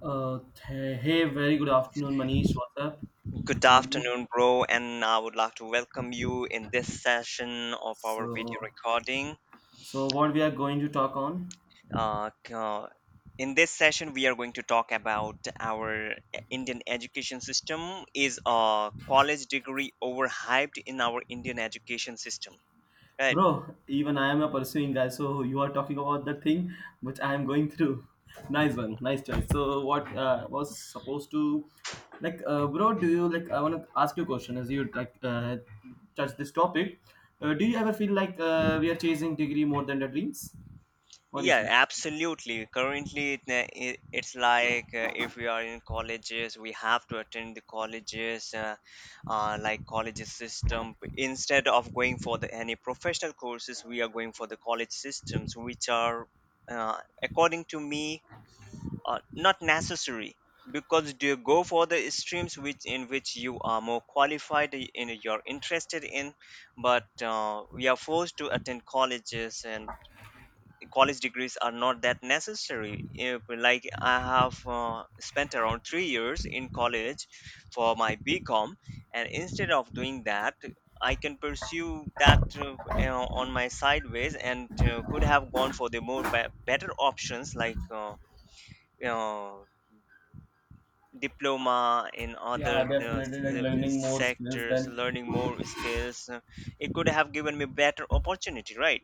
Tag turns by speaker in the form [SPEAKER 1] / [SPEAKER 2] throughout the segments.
[SPEAKER 1] Uh, Hey, very good afternoon, Manish. What's up?
[SPEAKER 2] Good
[SPEAKER 1] How are you?
[SPEAKER 2] afternoon, bro, and I would like to welcome you in this session of our video
[SPEAKER 1] So,
[SPEAKER 2] recording.
[SPEAKER 1] so what we are going to talk on,
[SPEAKER 2] Uh, c- uh, in this session, we are going to talk about our Indian education system. Is a college degree overhyped in our Indian education system? Right.
[SPEAKER 1] bro? Even I am a pursuing guy, so you are talking about that thing which I am going through. Nice one, nice choice. So, what was supposed to, like, bro? Do you like? I want to ask you a question as you like touch this topic. Do you ever feel like we are chasing degree more than the dreams? What do you
[SPEAKER 2] Yeah,
[SPEAKER 1] think?
[SPEAKER 2] absolutely. Currently, it's like if we are in colleges, we have to attend the colleges, like colleges system. Instead of going for the any professional courses, we are going for the college systems, which are, uh, according to me, not necessary because you go for the streams which in which you are more qualified in you're interested in, but we are forced to attend colleges, and college degrees are not that necessary. Like I have spent around 3 years in college for my bcom, and instead of doing that, I can pursue that on my sideways, and could have gone for the more better options like uh, diploma in
[SPEAKER 1] Yeah,
[SPEAKER 2] other
[SPEAKER 1] definitely. Like learning more skills
[SPEAKER 2] sectors,
[SPEAKER 1] than
[SPEAKER 2] learning more skills. Uh, it could have given me better opportunity, right?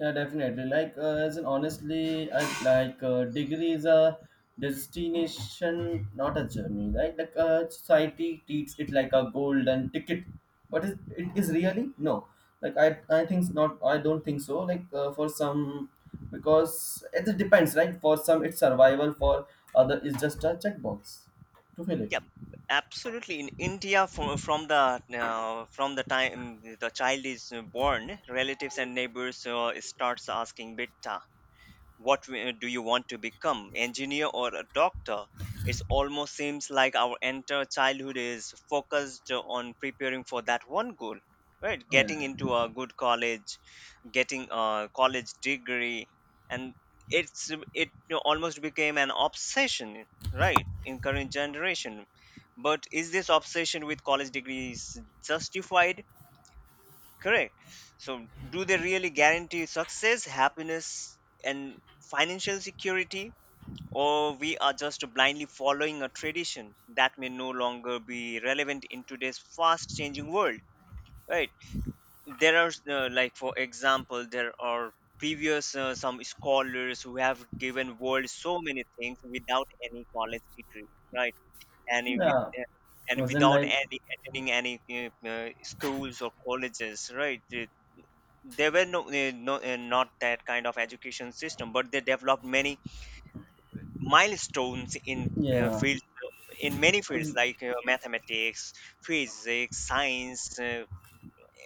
[SPEAKER 1] yeah, definitely. Like, as an honestly, I like degree is a destination, not a journey. Right? Like, society treats it like a golden ticket, but is it is really no. Like, I think not. I don't think so. Like, for some, because it depends, right? For some, it's survival. For other, it's just a checkbox to fill it.
[SPEAKER 2] Yeah, absolutely. In India, from the from the time the child is born, relatives and neighbors starts asking Bitta, do you want to become, engineer or a doctor? It almost seems like our entire childhood is focused on preparing for that one goal, right?
[SPEAKER 1] Yeah.
[SPEAKER 2] Getting into a good college, getting a college degree, and it almost became an obsession, right, in current generation. But is this obsession with college degrees justified? Correct. So do they really guarantee success, happiness, and financial security, or we are just blindly following a tradition that may no longer be relevant in today's fast changing world? Right. There are like, for example, there are previous some scholars who have given world so many things without any college degree, right? And it with
[SPEAKER 1] Yeah.
[SPEAKER 2] and
[SPEAKER 1] As in,
[SPEAKER 2] without
[SPEAKER 1] like
[SPEAKER 2] any attending any schools or colleges, right? There were no, no not that kind of education system, but they developed many milestones in
[SPEAKER 1] yeah.
[SPEAKER 2] field, in many fields like mathematics, physics, science,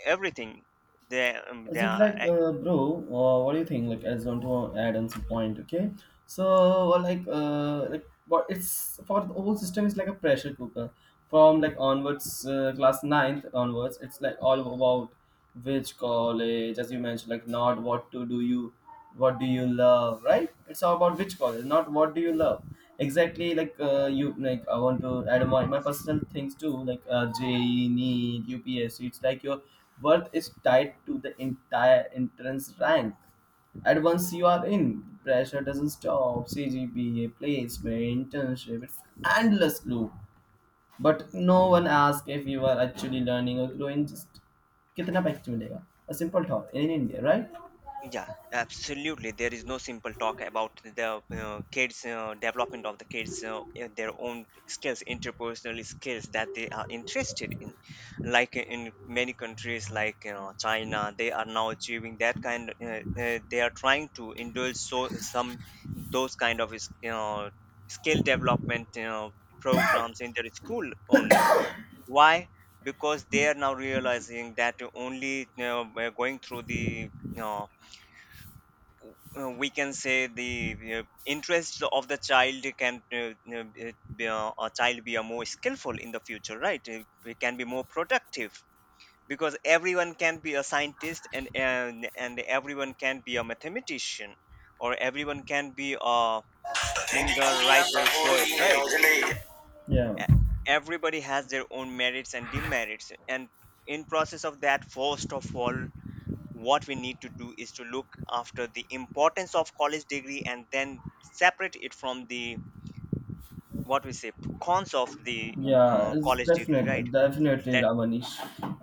[SPEAKER 2] everything. They,
[SPEAKER 1] Is
[SPEAKER 2] they
[SPEAKER 1] it
[SPEAKER 2] are.
[SPEAKER 1] like, bro? What do you think? Like, I just want to add on some point, okay? So, well, like, what it's for the whole system is like a pressure cooker. From like onwards, class ninth onwards, it's like all about which college, as you mentioned, like not what to do you what do you love, right? It's all about which college, not what do you love exactly. Like you like, I want to add my personal things too, like JEE, need ups. It's like your worth is tied to the entire entrance rank. At once you are in, pressure doesn't stop: cgpa, placement, internship. It's endless loop, but no one asks if you are actually learning or growing. Just कितना package मिलेगा, a simple thought in India, right?
[SPEAKER 2] Yeah, absolutely. There is no simple talk about the kids' development of the kids, in their own skills, interpersonal skills that they are interested in. Like in many countries, like you know, China, they are now achieving that kind. They are trying to indulge so some those kind of you know, skill development, you know, programs in their school only. Why? Because they are now realizing that only you know, by going through the you know, we can say the interest of the child can be a child be a more skillful in the future, right? We can be more productive because everyone can be a scientist, and everyone can be a mathematician, or everyone can be a singer, writer, poet, right?
[SPEAKER 1] Yeah.
[SPEAKER 2] E- Everybody has their own merits and demerits, and in process of that, first of all, what we need to do is to look after the importance of college degree, and then separate it from the what we say cons of the
[SPEAKER 1] Yeah, it's
[SPEAKER 2] college degree,
[SPEAKER 1] definitely
[SPEAKER 2] right?
[SPEAKER 1] definitely
[SPEAKER 2] Let,
[SPEAKER 1] Ramanish.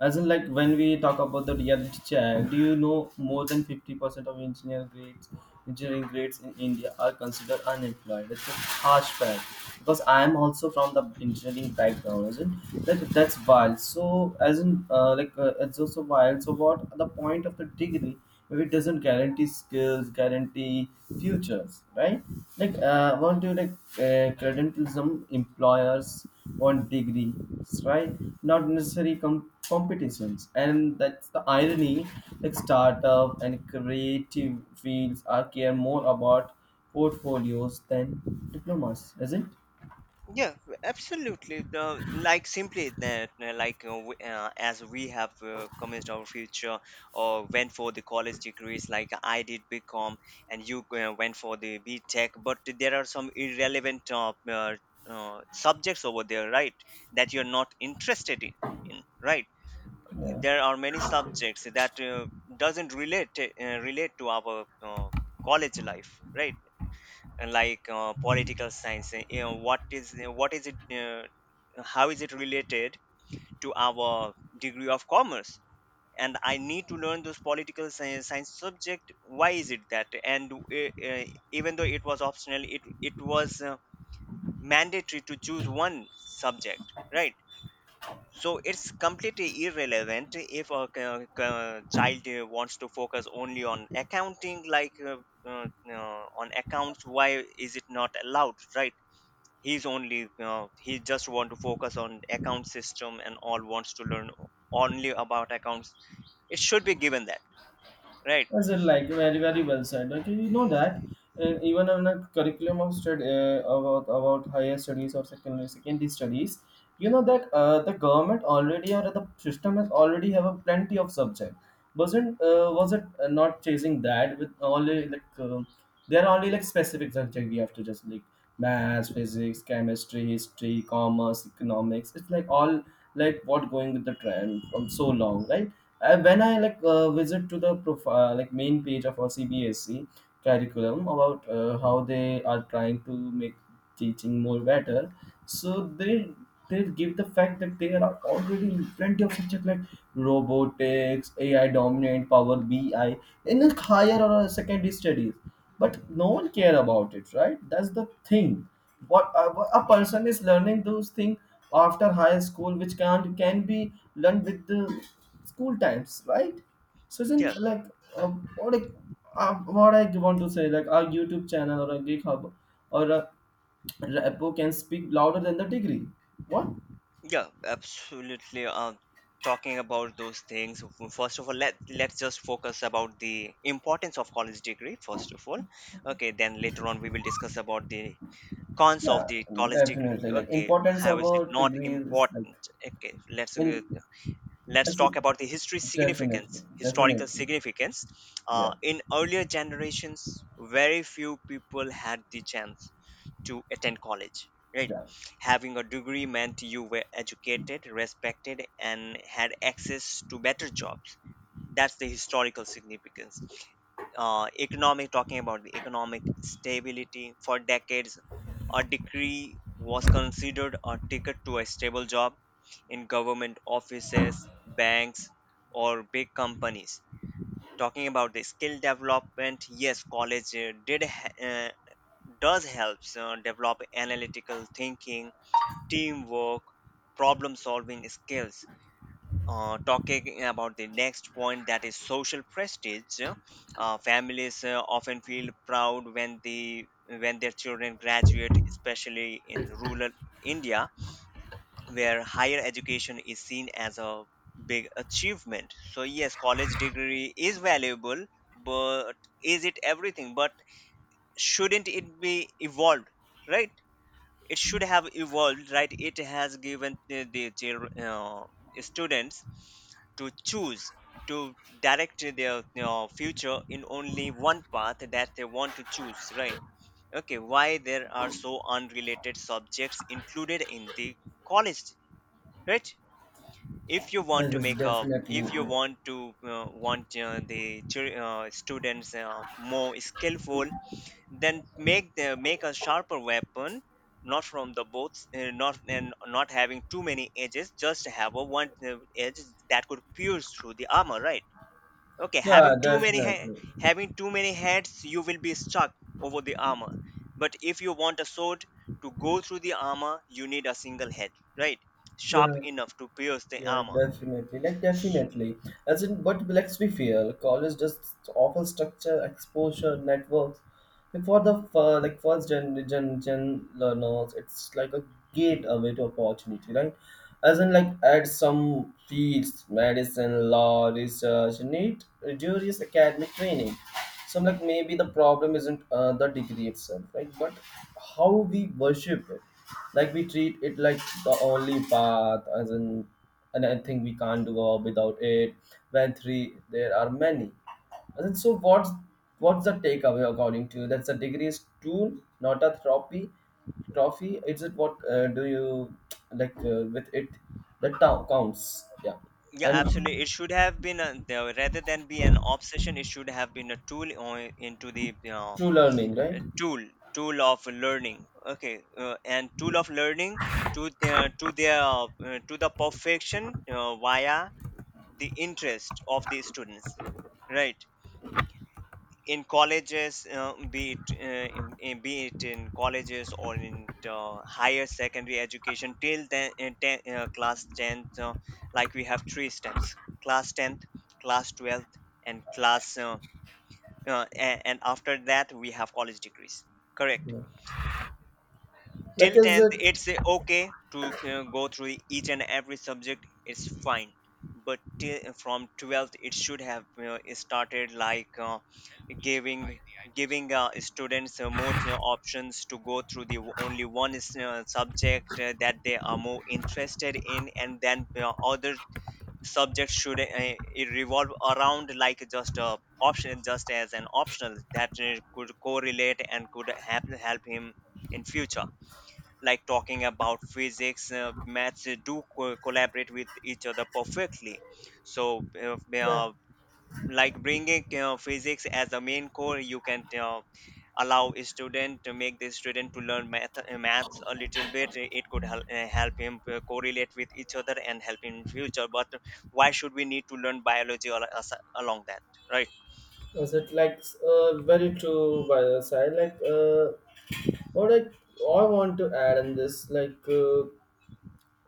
[SPEAKER 1] As in, like when we talk about the reality check, do you know more than 50% of engineer grades, engineering grades in India are considered unemployed? It's a harsh fact because I am also from the engineering background, isn't that? That's wild. So as in, like it's also wild. So what the point of the degree if it doesn't guarantee skills, guarantee futures, right? Like, want to like credentialism employers? Want degrees, right? Not necessary competitions. And that's the irony. Like startup and creative fields are care more about portfolios than diplomas, isn't it?
[SPEAKER 2] yeah, absolutely the, like simply that like as we have commenced our future or went for the college degrees, like I did bcom, and you went for the btech, but there are some irrelevant subjects over there, right? That you're not interested in, right.
[SPEAKER 1] Yeah.
[SPEAKER 2] There are many subjects that doesn't relate relate to our college life, right. And like political science, you know what is, what is it how is it related to our degree of commerce, and I need to learn those science subject. Why is it that? And uh, uh, even though it was optional, it was mandatory to choose one subject, right? So it's completely irrelevant if a child wants to focus only on accounting, like uh, on accounts, why is it not allowed, right? He's only he just want to focus on account system and all, wants to learn only about accounts. It should be given that, right.
[SPEAKER 1] As in, like very well said. Like you know that even on a curriculum of stud about higher studies or secondary studies, you know that the government already or the system has already have a plenty of subject. Wasn't was it not chasing that with only like there are only like specific subject we have to just like maths, physics, chemistry, history, commerce, economics. It's like all like what going with the trend from so long, right? When I like visit to the profile like main page of our CBSE curriculum about how they are trying to make teaching more better, so they give the fact that there are already plenty of subject like robotics, AI dominant, Power BI in a higher or a secondary studies, but no one care about it, right? That's the thing, what a person is learning those things after high school, which can be learned with the school times, right? So
[SPEAKER 2] Yeah.
[SPEAKER 1] isn't like uh, what I, what I want to say like our YouTube channel or a GitHub or a repo can speak louder than the degree, what?
[SPEAKER 2] Yeah, absolutely. Talking about those things, first of all, let's just focus about the importance of college degree first of all. Okay, then later on we will discuss about the cons of
[SPEAKER 1] Yeah,
[SPEAKER 2] the college degree.
[SPEAKER 1] definitely. Like
[SPEAKER 2] Okay,
[SPEAKER 1] importance
[SPEAKER 2] how
[SPEAKER 1] of
[SPEAKER 2] is
[SPEAKER 1] a
[SPEAKER 2] it not
[SPEAKER 1] degree is like
[SPEAKER 2] important? Okay,
[SPEAKER 1] when
[SPEAKER 2] let's
[SPEAKER 1] it's
[SPEAKER 2] talk about the history
[SPEAKER 1] definitely
[SPEAKER 2] significance, historical
[SPEAKER 1] definitely,
[SPEAKER 2] significance.
[SPEAKER 1] yeah,
[SPEAKER 2] In earlier generations, very few people had the chance to attend college, right.
[SPEAKER 1] yeah.
[SPEAKER 2] Having a degree meant you were educated, respected, and had access to better jobs. That's the historical significance. Economic, talking about the economic stability. For decades, a degree was considered a ticket to a stable job in government offices, banks, or big companies. Talking about the skill development, yes, college does helps develop analytical thinking, teamwork, problem solving skills. Talking about the next point, that is social prestige. Uh, families often feel proud when the when their children graduate, especially in rural India, where higher education is seen as a big achievement. So yes, college degree is valuable, but is it everything? But shouldn't it be evolved? Right, it should have evolved, right. It has given the students to choose, to direct their you know, future in only one path that they want to choose, right. Okay, why there are so unrelated subjects included in the college, right? If you want
[SPEAKER 1] Yes,
[SPEAKER 2] to
[SPEAKER 1] yes,
[SPEAKER 2] make a,
[SPEAKER 1] definitely.
[SPEAKER 2] if you want to want the students more skillful, then make a sharper weapon, not from the both not, and not having too many edges, just have a one edge that could pierce through the armor, right? Okay,
[SPEAKER 1] Yeah,
[SPEAKER 2] having too many
[SPEAKER 1] definitely.
[SPEAKER 2] having too many heads, you will be stuck over the armor. But if you want a sword to go through the armor, you need a single head, right? Sharp
[SPEAKER 1] Yeah,
[SPEAKER 2] enough to pierce the
[SPEAKER 1] yeah,
[SPEAKER 2] armor.
[SPEAKER 1] definitely. Like
[SPEAKER 2] S-
[SPEAKER 1] definitely. As in, but let's be fair. College just offer structure, exposure, networks, and for the like first gen learners, it's like a gateway to opportunity, right? As in, like add some fields, medicine, law, research, need reduces academic training. So like maybe the problem isn't the degree itself, right? But how we worship it, like we treat it like the only path, as in, and I think we can't go without it. When three, there are many. And then, so what's the takeaway according to you? That's a degree is tool, not a trophy. Trophy. Is it what do you like with it? The town counts. Yeah,
[SPEAKER 2] yeah,
[SPEAKER 1] and
[SPEAKER 2] absolutely, it should have been a, the, rather than be an obsession, it should have been a tool on, into the you know,
[SPEAKER 1] true learning, right?
[SPEAKER 2] a tool, tool of learning. Okay, and tool of learning to their, to their to the perfection via the interest of the students, right. In colleges be it be it in colleges or in higher secondary education till then in ten, class 10th, like we have three steps: class 10th, class 12th, and class and after that we have college degrees, correct.
[SPEAKER 1] Yeah. Like
[SPEAKER 2] Till
[SPEAKER 1] is
[SPEAKER 2] 10th
[SPEAKER 1] it
[SPEAKER 2] it's okay to go through each and every subject, it's fine. But till, from 12th it should have started like giving giving students more you know, options to go through the only one is, subject that they are more interested in, and then other subjects should it revolve around like just a option, just as an optional that could correlate and could help, help him in future. Like talking about physics, maths, do collaborate with each other perfectly. So
[SPEAKER 1] yeah.
[SPEAKER 2] like bringing physics as a main core, you can allow a student to make the student to learn math maths a little bit. It could help, help him correlate with each other and help him in future. But why should we need to learn biology along that, right?
[SPEAKER 1] Is it like very true by the side? Like what I want to add in this, like uh,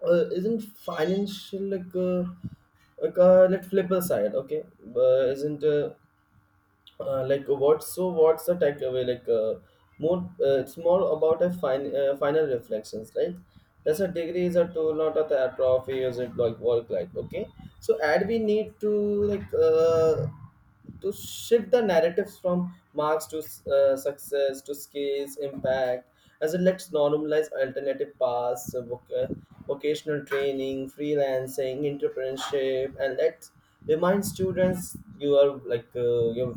[SPEAKER 1] uh, isn't financial like. Like let's flip aside, okay. Isn't Like what, so what's the takeaway like more it's more about a final reflections, right? That's a degree is a tool, not a trophy. Is it like work like? Okay, so and we need to like to shift the narratives from marks to success to skills impact. As in, let's normalize alternative paths, vocational training, freelancing, entrepreneurship. And let's remind students, you are like your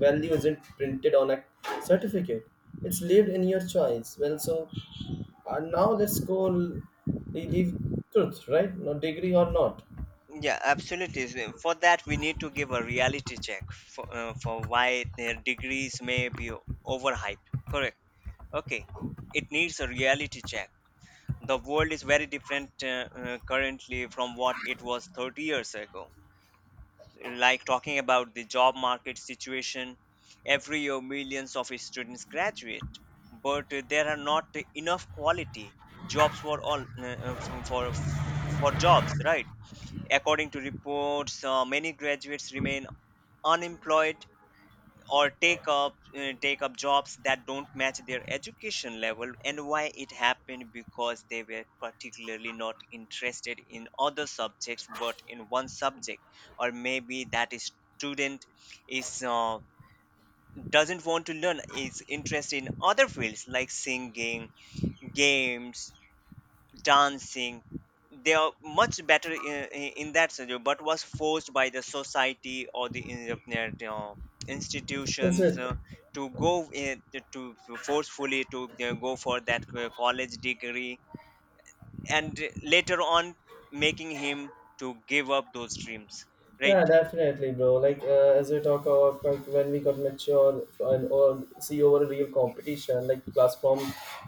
[SPEAKER 1] value isn't printed on a certificate, it's lived in your choice. Well, so now let's leave truth, right? No degree or not.
[SPEAKER 2] Yeah, absolutely. So for that, we need to give a reality check for why their degrees may be overhyped. Correct. Okay. It needs a reality check. The world is very different currently from what it was 30 years ago. Like talking about the job market situation, every year millions of students graduate, but there are not enough quality jobs for all for jobs, right? According to reports, many graduates remain unemployed, or take up jobs that don't match their education level. And why it happened? Because they were particularly not interested in other subjects but in one subject, or maybe that is student is doesn't want to learn, is interested in other fields like singing, games, dancing. They are much better in that scenario, but was forced by the society or the you know,
[SPEAKER 1] Is
[SPEAKER 2] institutions
[SPEAKER 1] it
[SPEAKER 2] to go in, to forcefully to go for that college degree, and later on making him to give up those dreams, right.
[SPEAKER 1] yeah, definitely, bro. Like as we talk about, like when we got mature and or see over a real competition like class from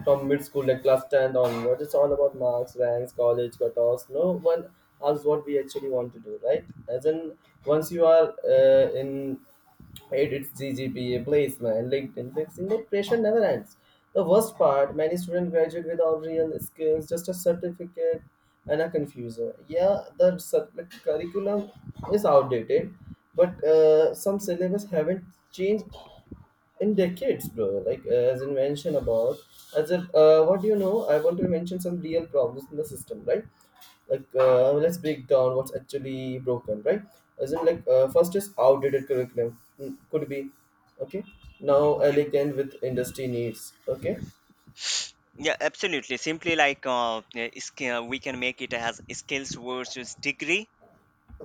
[SPEAKER 1] from mid school, like class 10 onwards, it's all about marks, ranks, college cutoffs. No one asks what we actually want to do, right? As in, once you are in edits, GGPA, placement, LinkedIn, fixing, but pressure never ends. The worst part, many students graduate without real skills, just a certificate and a confuser. Yeah, the curriculum is outdated, but some syllabus haven't changed in decades, bro. Like as I mentioned about, as if what do you know? I want to mention some real problems in the system, right? Like let's break down what's actually broken, right? As in like first is outdated curriculum. Mm, could be okay. Now
[SPEAKER 2] Yep.
[SPEAKER 1] elegant with industry needs, okay.
[SPEAKER 2] Yeah, absolutely. Simply we can make it as skills versus degree.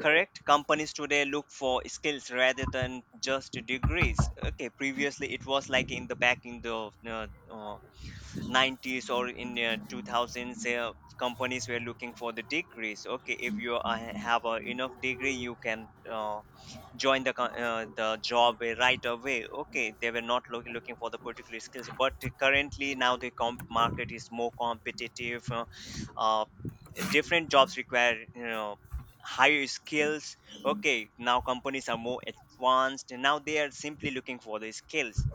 [SPEAKER 2] Correct. Companies today look for skills rather than just degrees. Okay, previously it was like in the back in the 90s or in 2000s, companies were looking for the degrees. Okay, if you have a enough degree, you can join the the job right away. Okay, they were not looking for the particular skills, but currently now the comp market is more competitive. Uh, Different jobs require, you know, higher skills. Okay, now companies are more advanced and now they are simply looking for the skills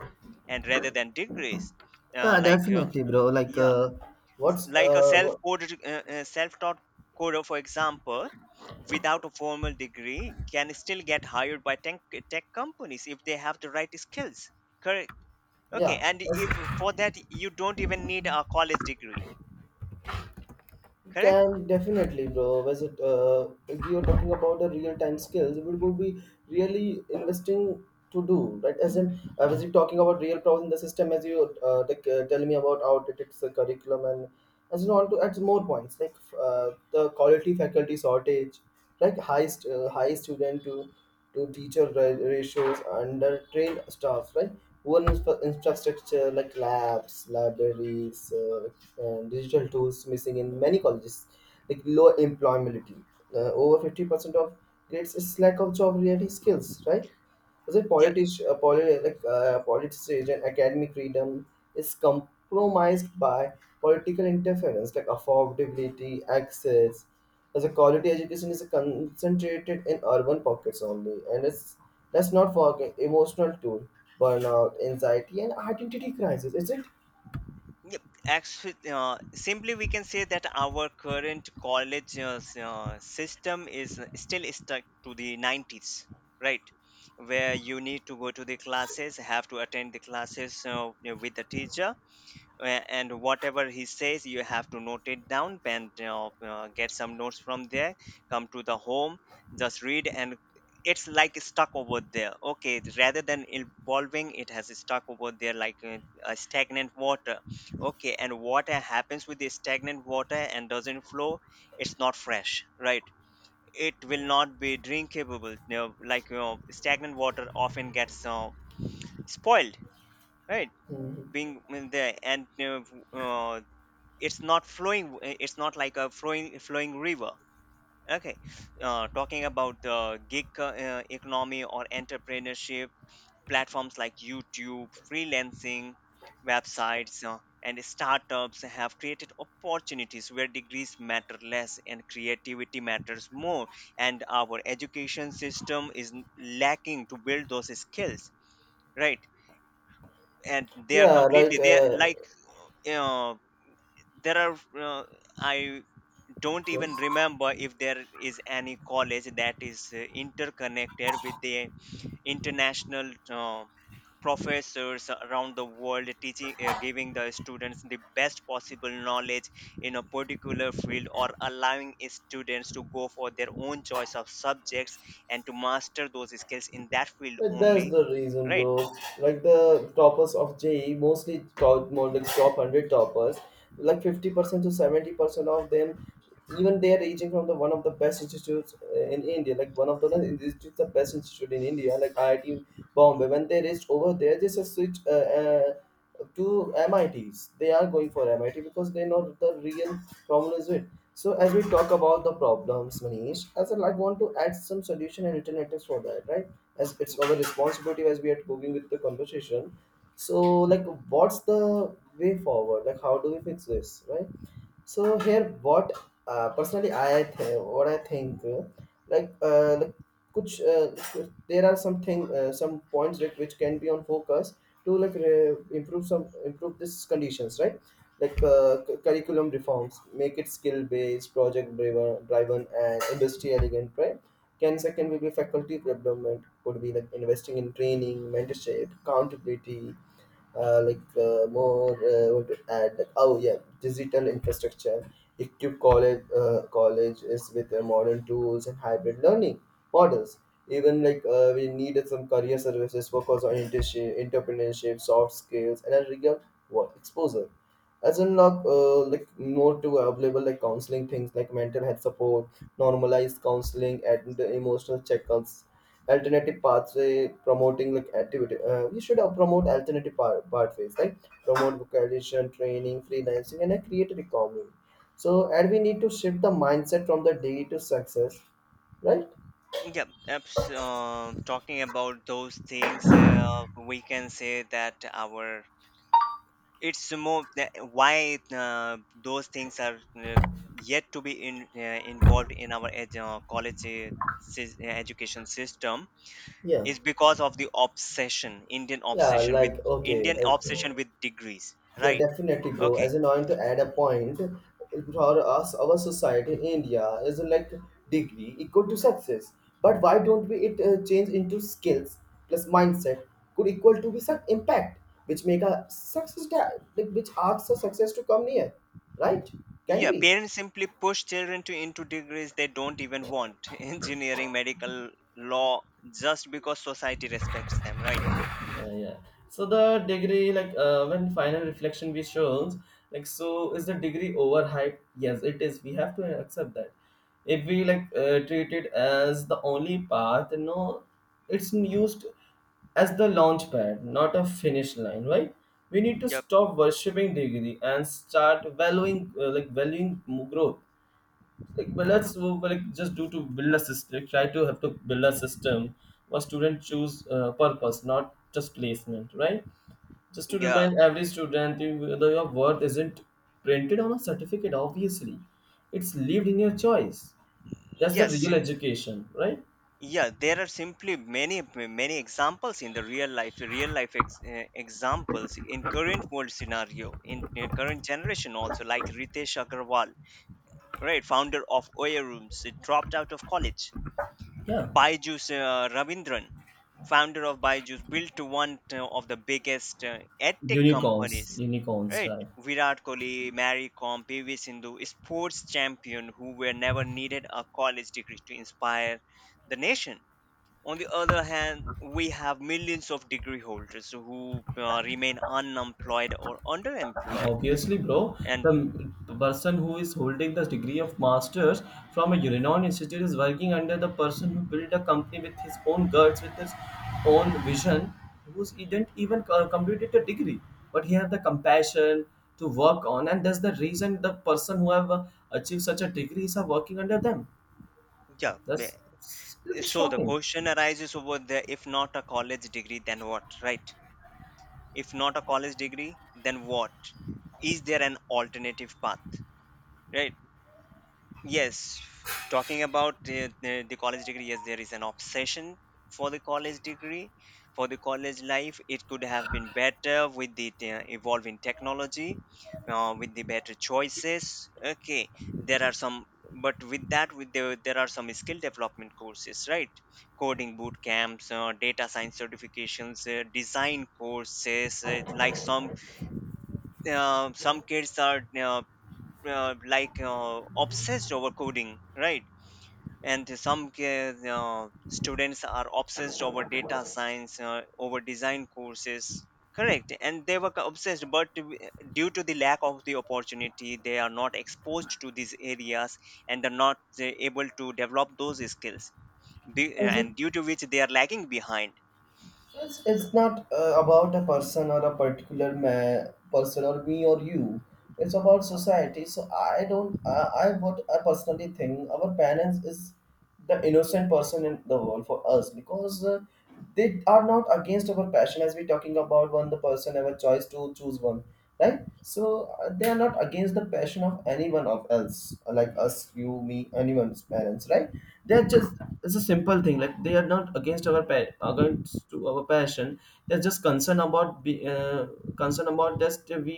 [SPEAKER 2] and rather than degrees, uh,
[SPEAKER 1] Yeah,
[SPEAKER 2] like uh,
[SPEAKER 1] definitely, bro. Like,
[SPEAKER 2] yeah.
[SPEAKER 1] what's
[SPEAKER 2] Like a self coded self taught coder, for example, without a formal degree can still get hired by tech companies if they have the right skills. Correct. Okay,
[SPEAKER 1] yeah.
[SPEAKER 2] and if
[SPEAKER 1] That's
[SPEAKER 2] for that you don't even need a college degree. Correct.
[SPEAKER 1] can definitely, bro. Was it? If you're talking about the real-time skills, it would be really investing to do, right? As in, was you talking about real problems in the system? As you like, tell me about outdated curriculum. And as in on to add more points like the quality faculty shortage, like high student to teacher ratios and train staffs, right? One infrastructure like labs, libraries, and digital tools missing in many colleges, like low employability. Over 50% of grades is lack of job ready skills, right? Is it politics, like, politicization academic freedom is compromised by political interference, like affordability, access. As a quality education is concentrated in urban pockets only, and it's let's not forget emotional tool, burnout, anxiety, and identity crisis. Is it?
[SPEAKER 2] Yep, actually, simply we can say that our current college system is still stuck to the 90s, right? Where you need to go to the classes, have to attend the classes, you know, with the teacher, and whatever he says you have to note it down and, you know, get some notes from there, come to the home, just read, and it's like stuck over there. Okay, rather than evolving, it has stuck over there like a stagnant water. Okay, and what happens with the stagnant water and doesn't flow? It's not fresh, right? It will not be drinkable. You know, like, you know, stagnant water often gets spoiled, right? Being in there and know, uh, it's not flowing. It's not like a flowing river. Okay. Talking about the gig economy or entrepreneurship, platforms like YouTube, freelancing websites, and startups have created opportunities where degrees matter less and creativity matters more, and our education system is lacking to build those skills, right? And they are
[SPEAKER 1] Yeah, right.
[SPEAKER 2] completely, they are like, uh, there are, uh, I don't even
[SPEAKER 1] Yes.
[SPEAKER 2] remember if there is any college that is interconnected with the international professors around the world, teaching, giving the students the best possible knowledge in a particular field, or allowing students to go for their own choice of subjects and to master those skills in that field
[SPEAKER 1] But that's
[SPEAKER 2] only,
[SPEAKER 1] the reason,
[SPEAKER 2] right?
[SPEAKER 1] bro. Like the toppers of JE, mostly top, more like top hundred toppers, like 50% to 70% of them, even they are aging from the one of the best institutes in India, like one of the institutes, the best institute in India, like IIT Bombay. When they reached over there, they just switch. Uh, to MITs. They are going for MIT because they know the real problem is with. So as we talk about the problems, Manish, as I like want to add some solution and alternatives for that, right? As it's our responsibility as we are going with the conversation. So like, what's the way forward? Like, how do we fix this, right? So here, what personally I think, like कुछ- there are some thing, some points that which can be on focus to like improve some improve these conditions, right? Like curriculum reforms, make it skill based, driven and industry elegant, right? Can second will be faculty development, could be like investing in training, mentorship, accountability, like more what to add like oh yeah digital infrastructure equip colleges with modern tools and hybrid learning models. Even we needed some career services focus on internship, entrepreneurship, soft skills and a real work exposure. As in like more to available like counseling things like mental health support, normalized counseling and the emotional checkups. Alternative pathway promoting like activity, we should promote alternative pathways like promote vocation training, freelancing and a creative economy. So and we need to shift the mindset from the day to success, right?
[SPEAKER 2] Talking about those things, we can say that our— it's more that why those things are yet to be involved in our college education system
[SPEAKER 1] Yeah,
[SPEAKER 2] is because of the obsession, Indian
[SPEAKER 1] yeah,
[SPEAKER 2] obsession with—
[SPEAKER 1] like okay
[SPEAKER 2] Indian
[SPEAKER 1] as.
[SPEAKER 2] obsession with degrees,
[SPEAKER 1] Yeah,
[SPEAKER 2] right?
[SPEAKER 1] definitely, bro.
[SPEAKER 2] Okay.
[SPEAKER 1] As in, I want to add a point for us. Our society in India is like degree equal to success. But why don't we it change into skills plus mindset, could equal to be such impact, which make a success that like, which asks a success to come near, right? Can
[SPEAKER 2] Yeah,
[SPEAKER 1] we?
[SPEAKER 2] parents simply push children to into degrees they don't even want, engineering, medical, law, just because society respects them, right?
[SPEAKER 1] Yeah. So the degree, when final reflection we shows, like so is the degree overhyped? Yes, it is. We have to accept that. If we treat it as the only path, no, it's used as the launch pad, not a finish line, right? We need to
[SPEAKER 2] Yep.
[SPEAKER 1] stop worshipping degree and start valuing valuing growth. Like but let's wo- but, like just do to build a system, like, try to have to build a system where students choose purpose, not just placement, right? Just to
[SPEAKER 2] Yeah.
[SPEAKER 1] remind every student, you- the your worth isn't printed on a certificate. Obviously, it's lived in your choice. That's the
[SPEAKER 2] Yes.
[SPEAKER 1] real education, right?
[SPEAKER 2] Yeah, there are simply many examples in the real life, examples in current world scenario, in, current generation also, like Ritesh Agarwal, right, founder of Oya Rooms, dropped out of college.
[SPEAKER 1] Yeah.
[SPEAKER 2] Byju's, Ravindran, founder of Byju's, built one of the biggest edtech
[SPEAKER 1] Unicorns,
[SPEAKER 2] companies,
[SPEAKER 1] unicorns,
[SPEAKER 2] right.
[SPEAKER 1] right?
[SPEAKER 2] Virat Kohli, Mary Kom, PV Sindhu, sports champion, who were never needed a college degree to inspire the nation. On the other hand, we have millions of degree holders who remain unemployed or underemployed.
[SPEAKER 1] Obviously, bro,
[SPEAKER 2] And
[SPEAKER 1] the person who is holding the degree of master's from a renowned institute is working under the person who built a company with his own guts, with his own vision, who didn't even completed a degree, but he had the compassion to work on, and that's the reason the person who have achieved such a degree is working under them.
[SPEAKER 2] yeah,
[SPEAKER 1] That's
[SPEAKER 2] ma—
[SPEAKER 1] It's
[SPEAKER 2] so the
[SPEAKER 1] shocking.
[SPEAKER 2] question arises over there, if not a college degree, then what, right? If not a college degree, then what? Is there an alternative path, right? Yes, talking about the college degree, yes, there is an obsession for the college degree, for the college life. It could have been better with the evolving technology, with the better choices. Okay, there are some, but with that, with the, there are some skill development courses, right? Coding boot camps, data science certifications, design courses. Like some kids are obsessed over coding, right? And some students are obsessed over data science, over design courses. Correct. And they were obsessed, but due to the lack of the opportunity, they are not exposed to these areas and are not able to develop those skills.
[SPEAKER 1] Is it?
[SPEAKER 2] And due to which, they are lagging behind
[SPEAKER 1] It's not about a person or a person or me or you. It's about society. So I don't. I What I personally think, our parents is the innocent person in the world for us, because they are not against our passion. As we talking about one, the person have a choice to choose one, right? So they are not against the passion of anyone of else like us, you, me, anyone's parents, right? They're just, it's a simple thing, like they are not against our pa- against to our passion. They're just concerned about just we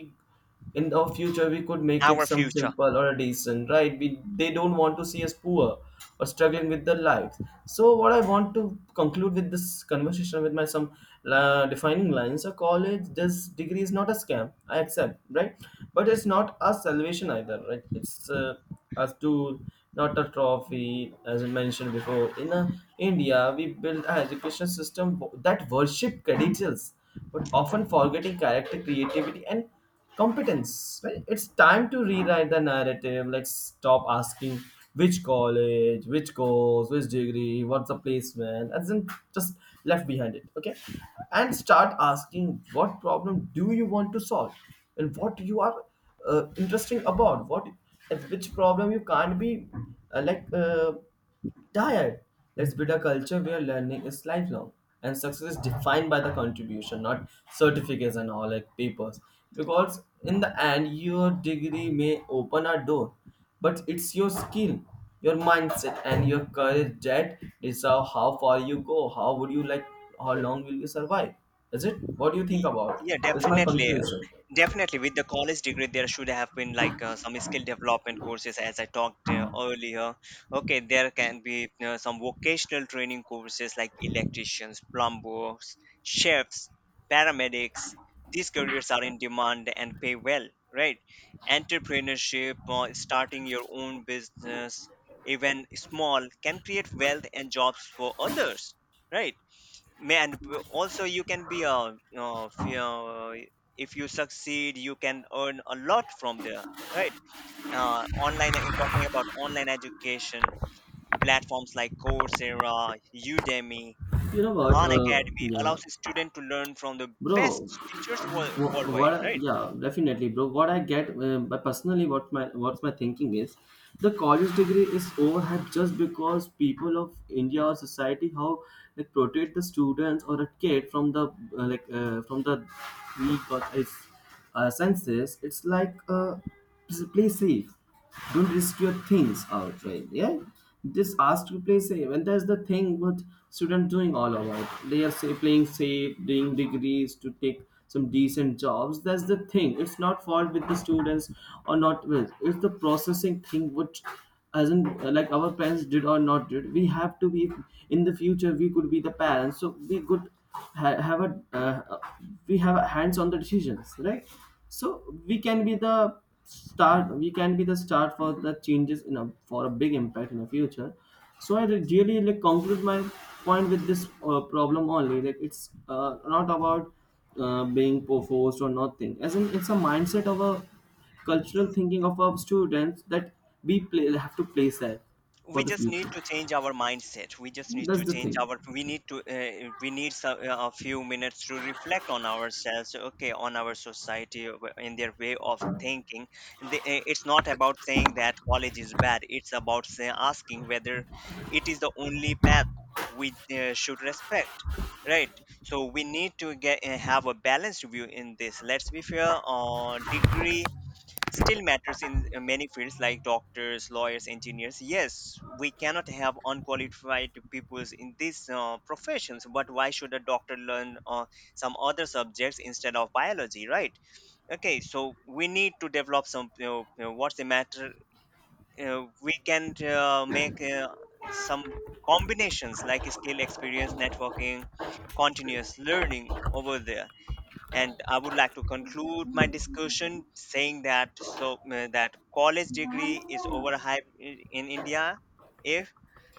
[SPEAKER 1] in our future we could make it
[SPEAKER 2] our
[SPEAKER 1] some
[SPEAKER 2] future.
[SPEAKER 1] simple or a decent, right? We, they don't want to see us poor or struggling with their lives. So what I want to conclude with this conversation with my some defining lines: a college this degree is not a scam, I accept, right? But it's not a salvation either, right? It's a tool, not a trophy. As I mentioned before, in India we built an education system that worship credentials, but often forgetting character, creativity and competence, right? It's time to rewrite the narrative. Let's stop asking which college, which course, which degree, what's the placement, and then just left behind it, okay? And start asking what problem do you want to solve, and what you are interesting about what, and which problem you can't be uh, like uh, tired. Let's build a culture where learning is lifelong and success is defined by the contribution, not certificates and all like papers. Because in the end, your degree may open a door, but it's your skill, your mindset, and your courage that decide how far you go. How would you like? How long will you survive? Is it? What do you think
[SPEAKER 2] Y—
[SPEAKER 1] about?
[SPEAKER 2] Yeah,
[SPEAKER 1] That's my
[SPEAKER 2] definitely.
[SPEAKER 1] conclusion.
[SPEAKER 2] Definitely, with the college degree, there should have been like some skill development courses, as I talked earlier. Okay, there can be some vocational training courses like electricians, plumbers, chefs, paramedics. These careers are in demand and pay well, right? Entrepreneurship, starting your own business, even small, can create wealth and jobs for others, right? Also you can be a— you, if you if you succeed, you can earn a lot from there, right? Talking about online education, platforms like Coursera, Udemy,
[SPEAKER 1] You know what?
[SPEAKER 2] Khan
[SPEAKER 1] Uh,
[SPEAKER 2] Academy
[SPEAKER 1] yeah,
[SPEAKER 2] allows a student to learn from the
[SPEAKER 1] bro.
[SPEAKER 2] best teachers worldwide, right?
[SPEAKER 1] Yeah, definitely, bro, what I get, but personally what my what's my thinking is the college degree is overhyped, just because people of India or society how like protect the students or a kid from the from the weak or is senses. It's play safe. Don't risk your things out, right? Yeah, just ask to play safe, and that's the thing what students doing all about. They are say playing safe, doing degrees to take some decent jobs. That's the thing. It's not fault with the students or not with. It's the processing thing which as in like our parents did or not did, we have to be in the future, we could be the parents, so we could have a we have a hands on the decisions, right? So we can be the start, we can be the start for the changes in a for a big impact in the future. So I really really, like conclude my point with this problem only, like it's not about forced or nothing. As in, it's a mindset of a cultural thinking of our students that we play, have to place that for
[SPEAKER 2] We
[SPEAKER 1] the
[SPEAKER 2] just need
[SPEAKER 1] future.
[SPEAKER 2] to change our mindset. We just need
[SPEAKER 1] That's
[SPEAKER 2] to
[SPEAKER 1] the
[SPEAKER 2] change
[SPEAKER 1] thing.
[SPEAKER 2] our— we need to we need some, a few minutes to reflect on ourselves, okay, on our society, in their way of thinking. The, it's not about saying that college is bad, it's about say, asking whether it is the only path we should respect, right? So we need to get have a balanced view in this. Let's be fair on degree. Still matters in many fields like doctors, lawyers, engineers. Yes, we cannot have unqualified peoples in these professions, but why should a doctor learn some other subjects instead of biology, right? Okay, so we need to develop some, you know, what's the matter? We can make some combinations like skill, experience, networking, continuous learning over there. And I would like to conclude my discussion saying that, so that college degree is overhyped in India. If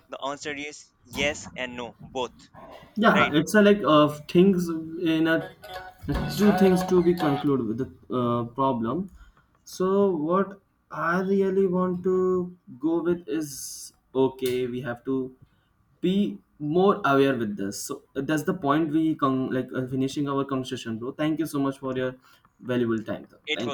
[SPEAKER 2] the answer is yes and no both,
[SPEAKER 1] Yeah,
[SPEAKER 2] right?
[SPEAKER 1] it's a things in a two things to be concluded with the problem. So what I really want to go with is, okay, we have to be more aware with this. So that's the point we finishing our conversation, bro. Thank you so much for your valuable time. Though. Thank
[SPEAKER 2] It
[SPEAKER 1] you.
[SPEAKER 2] was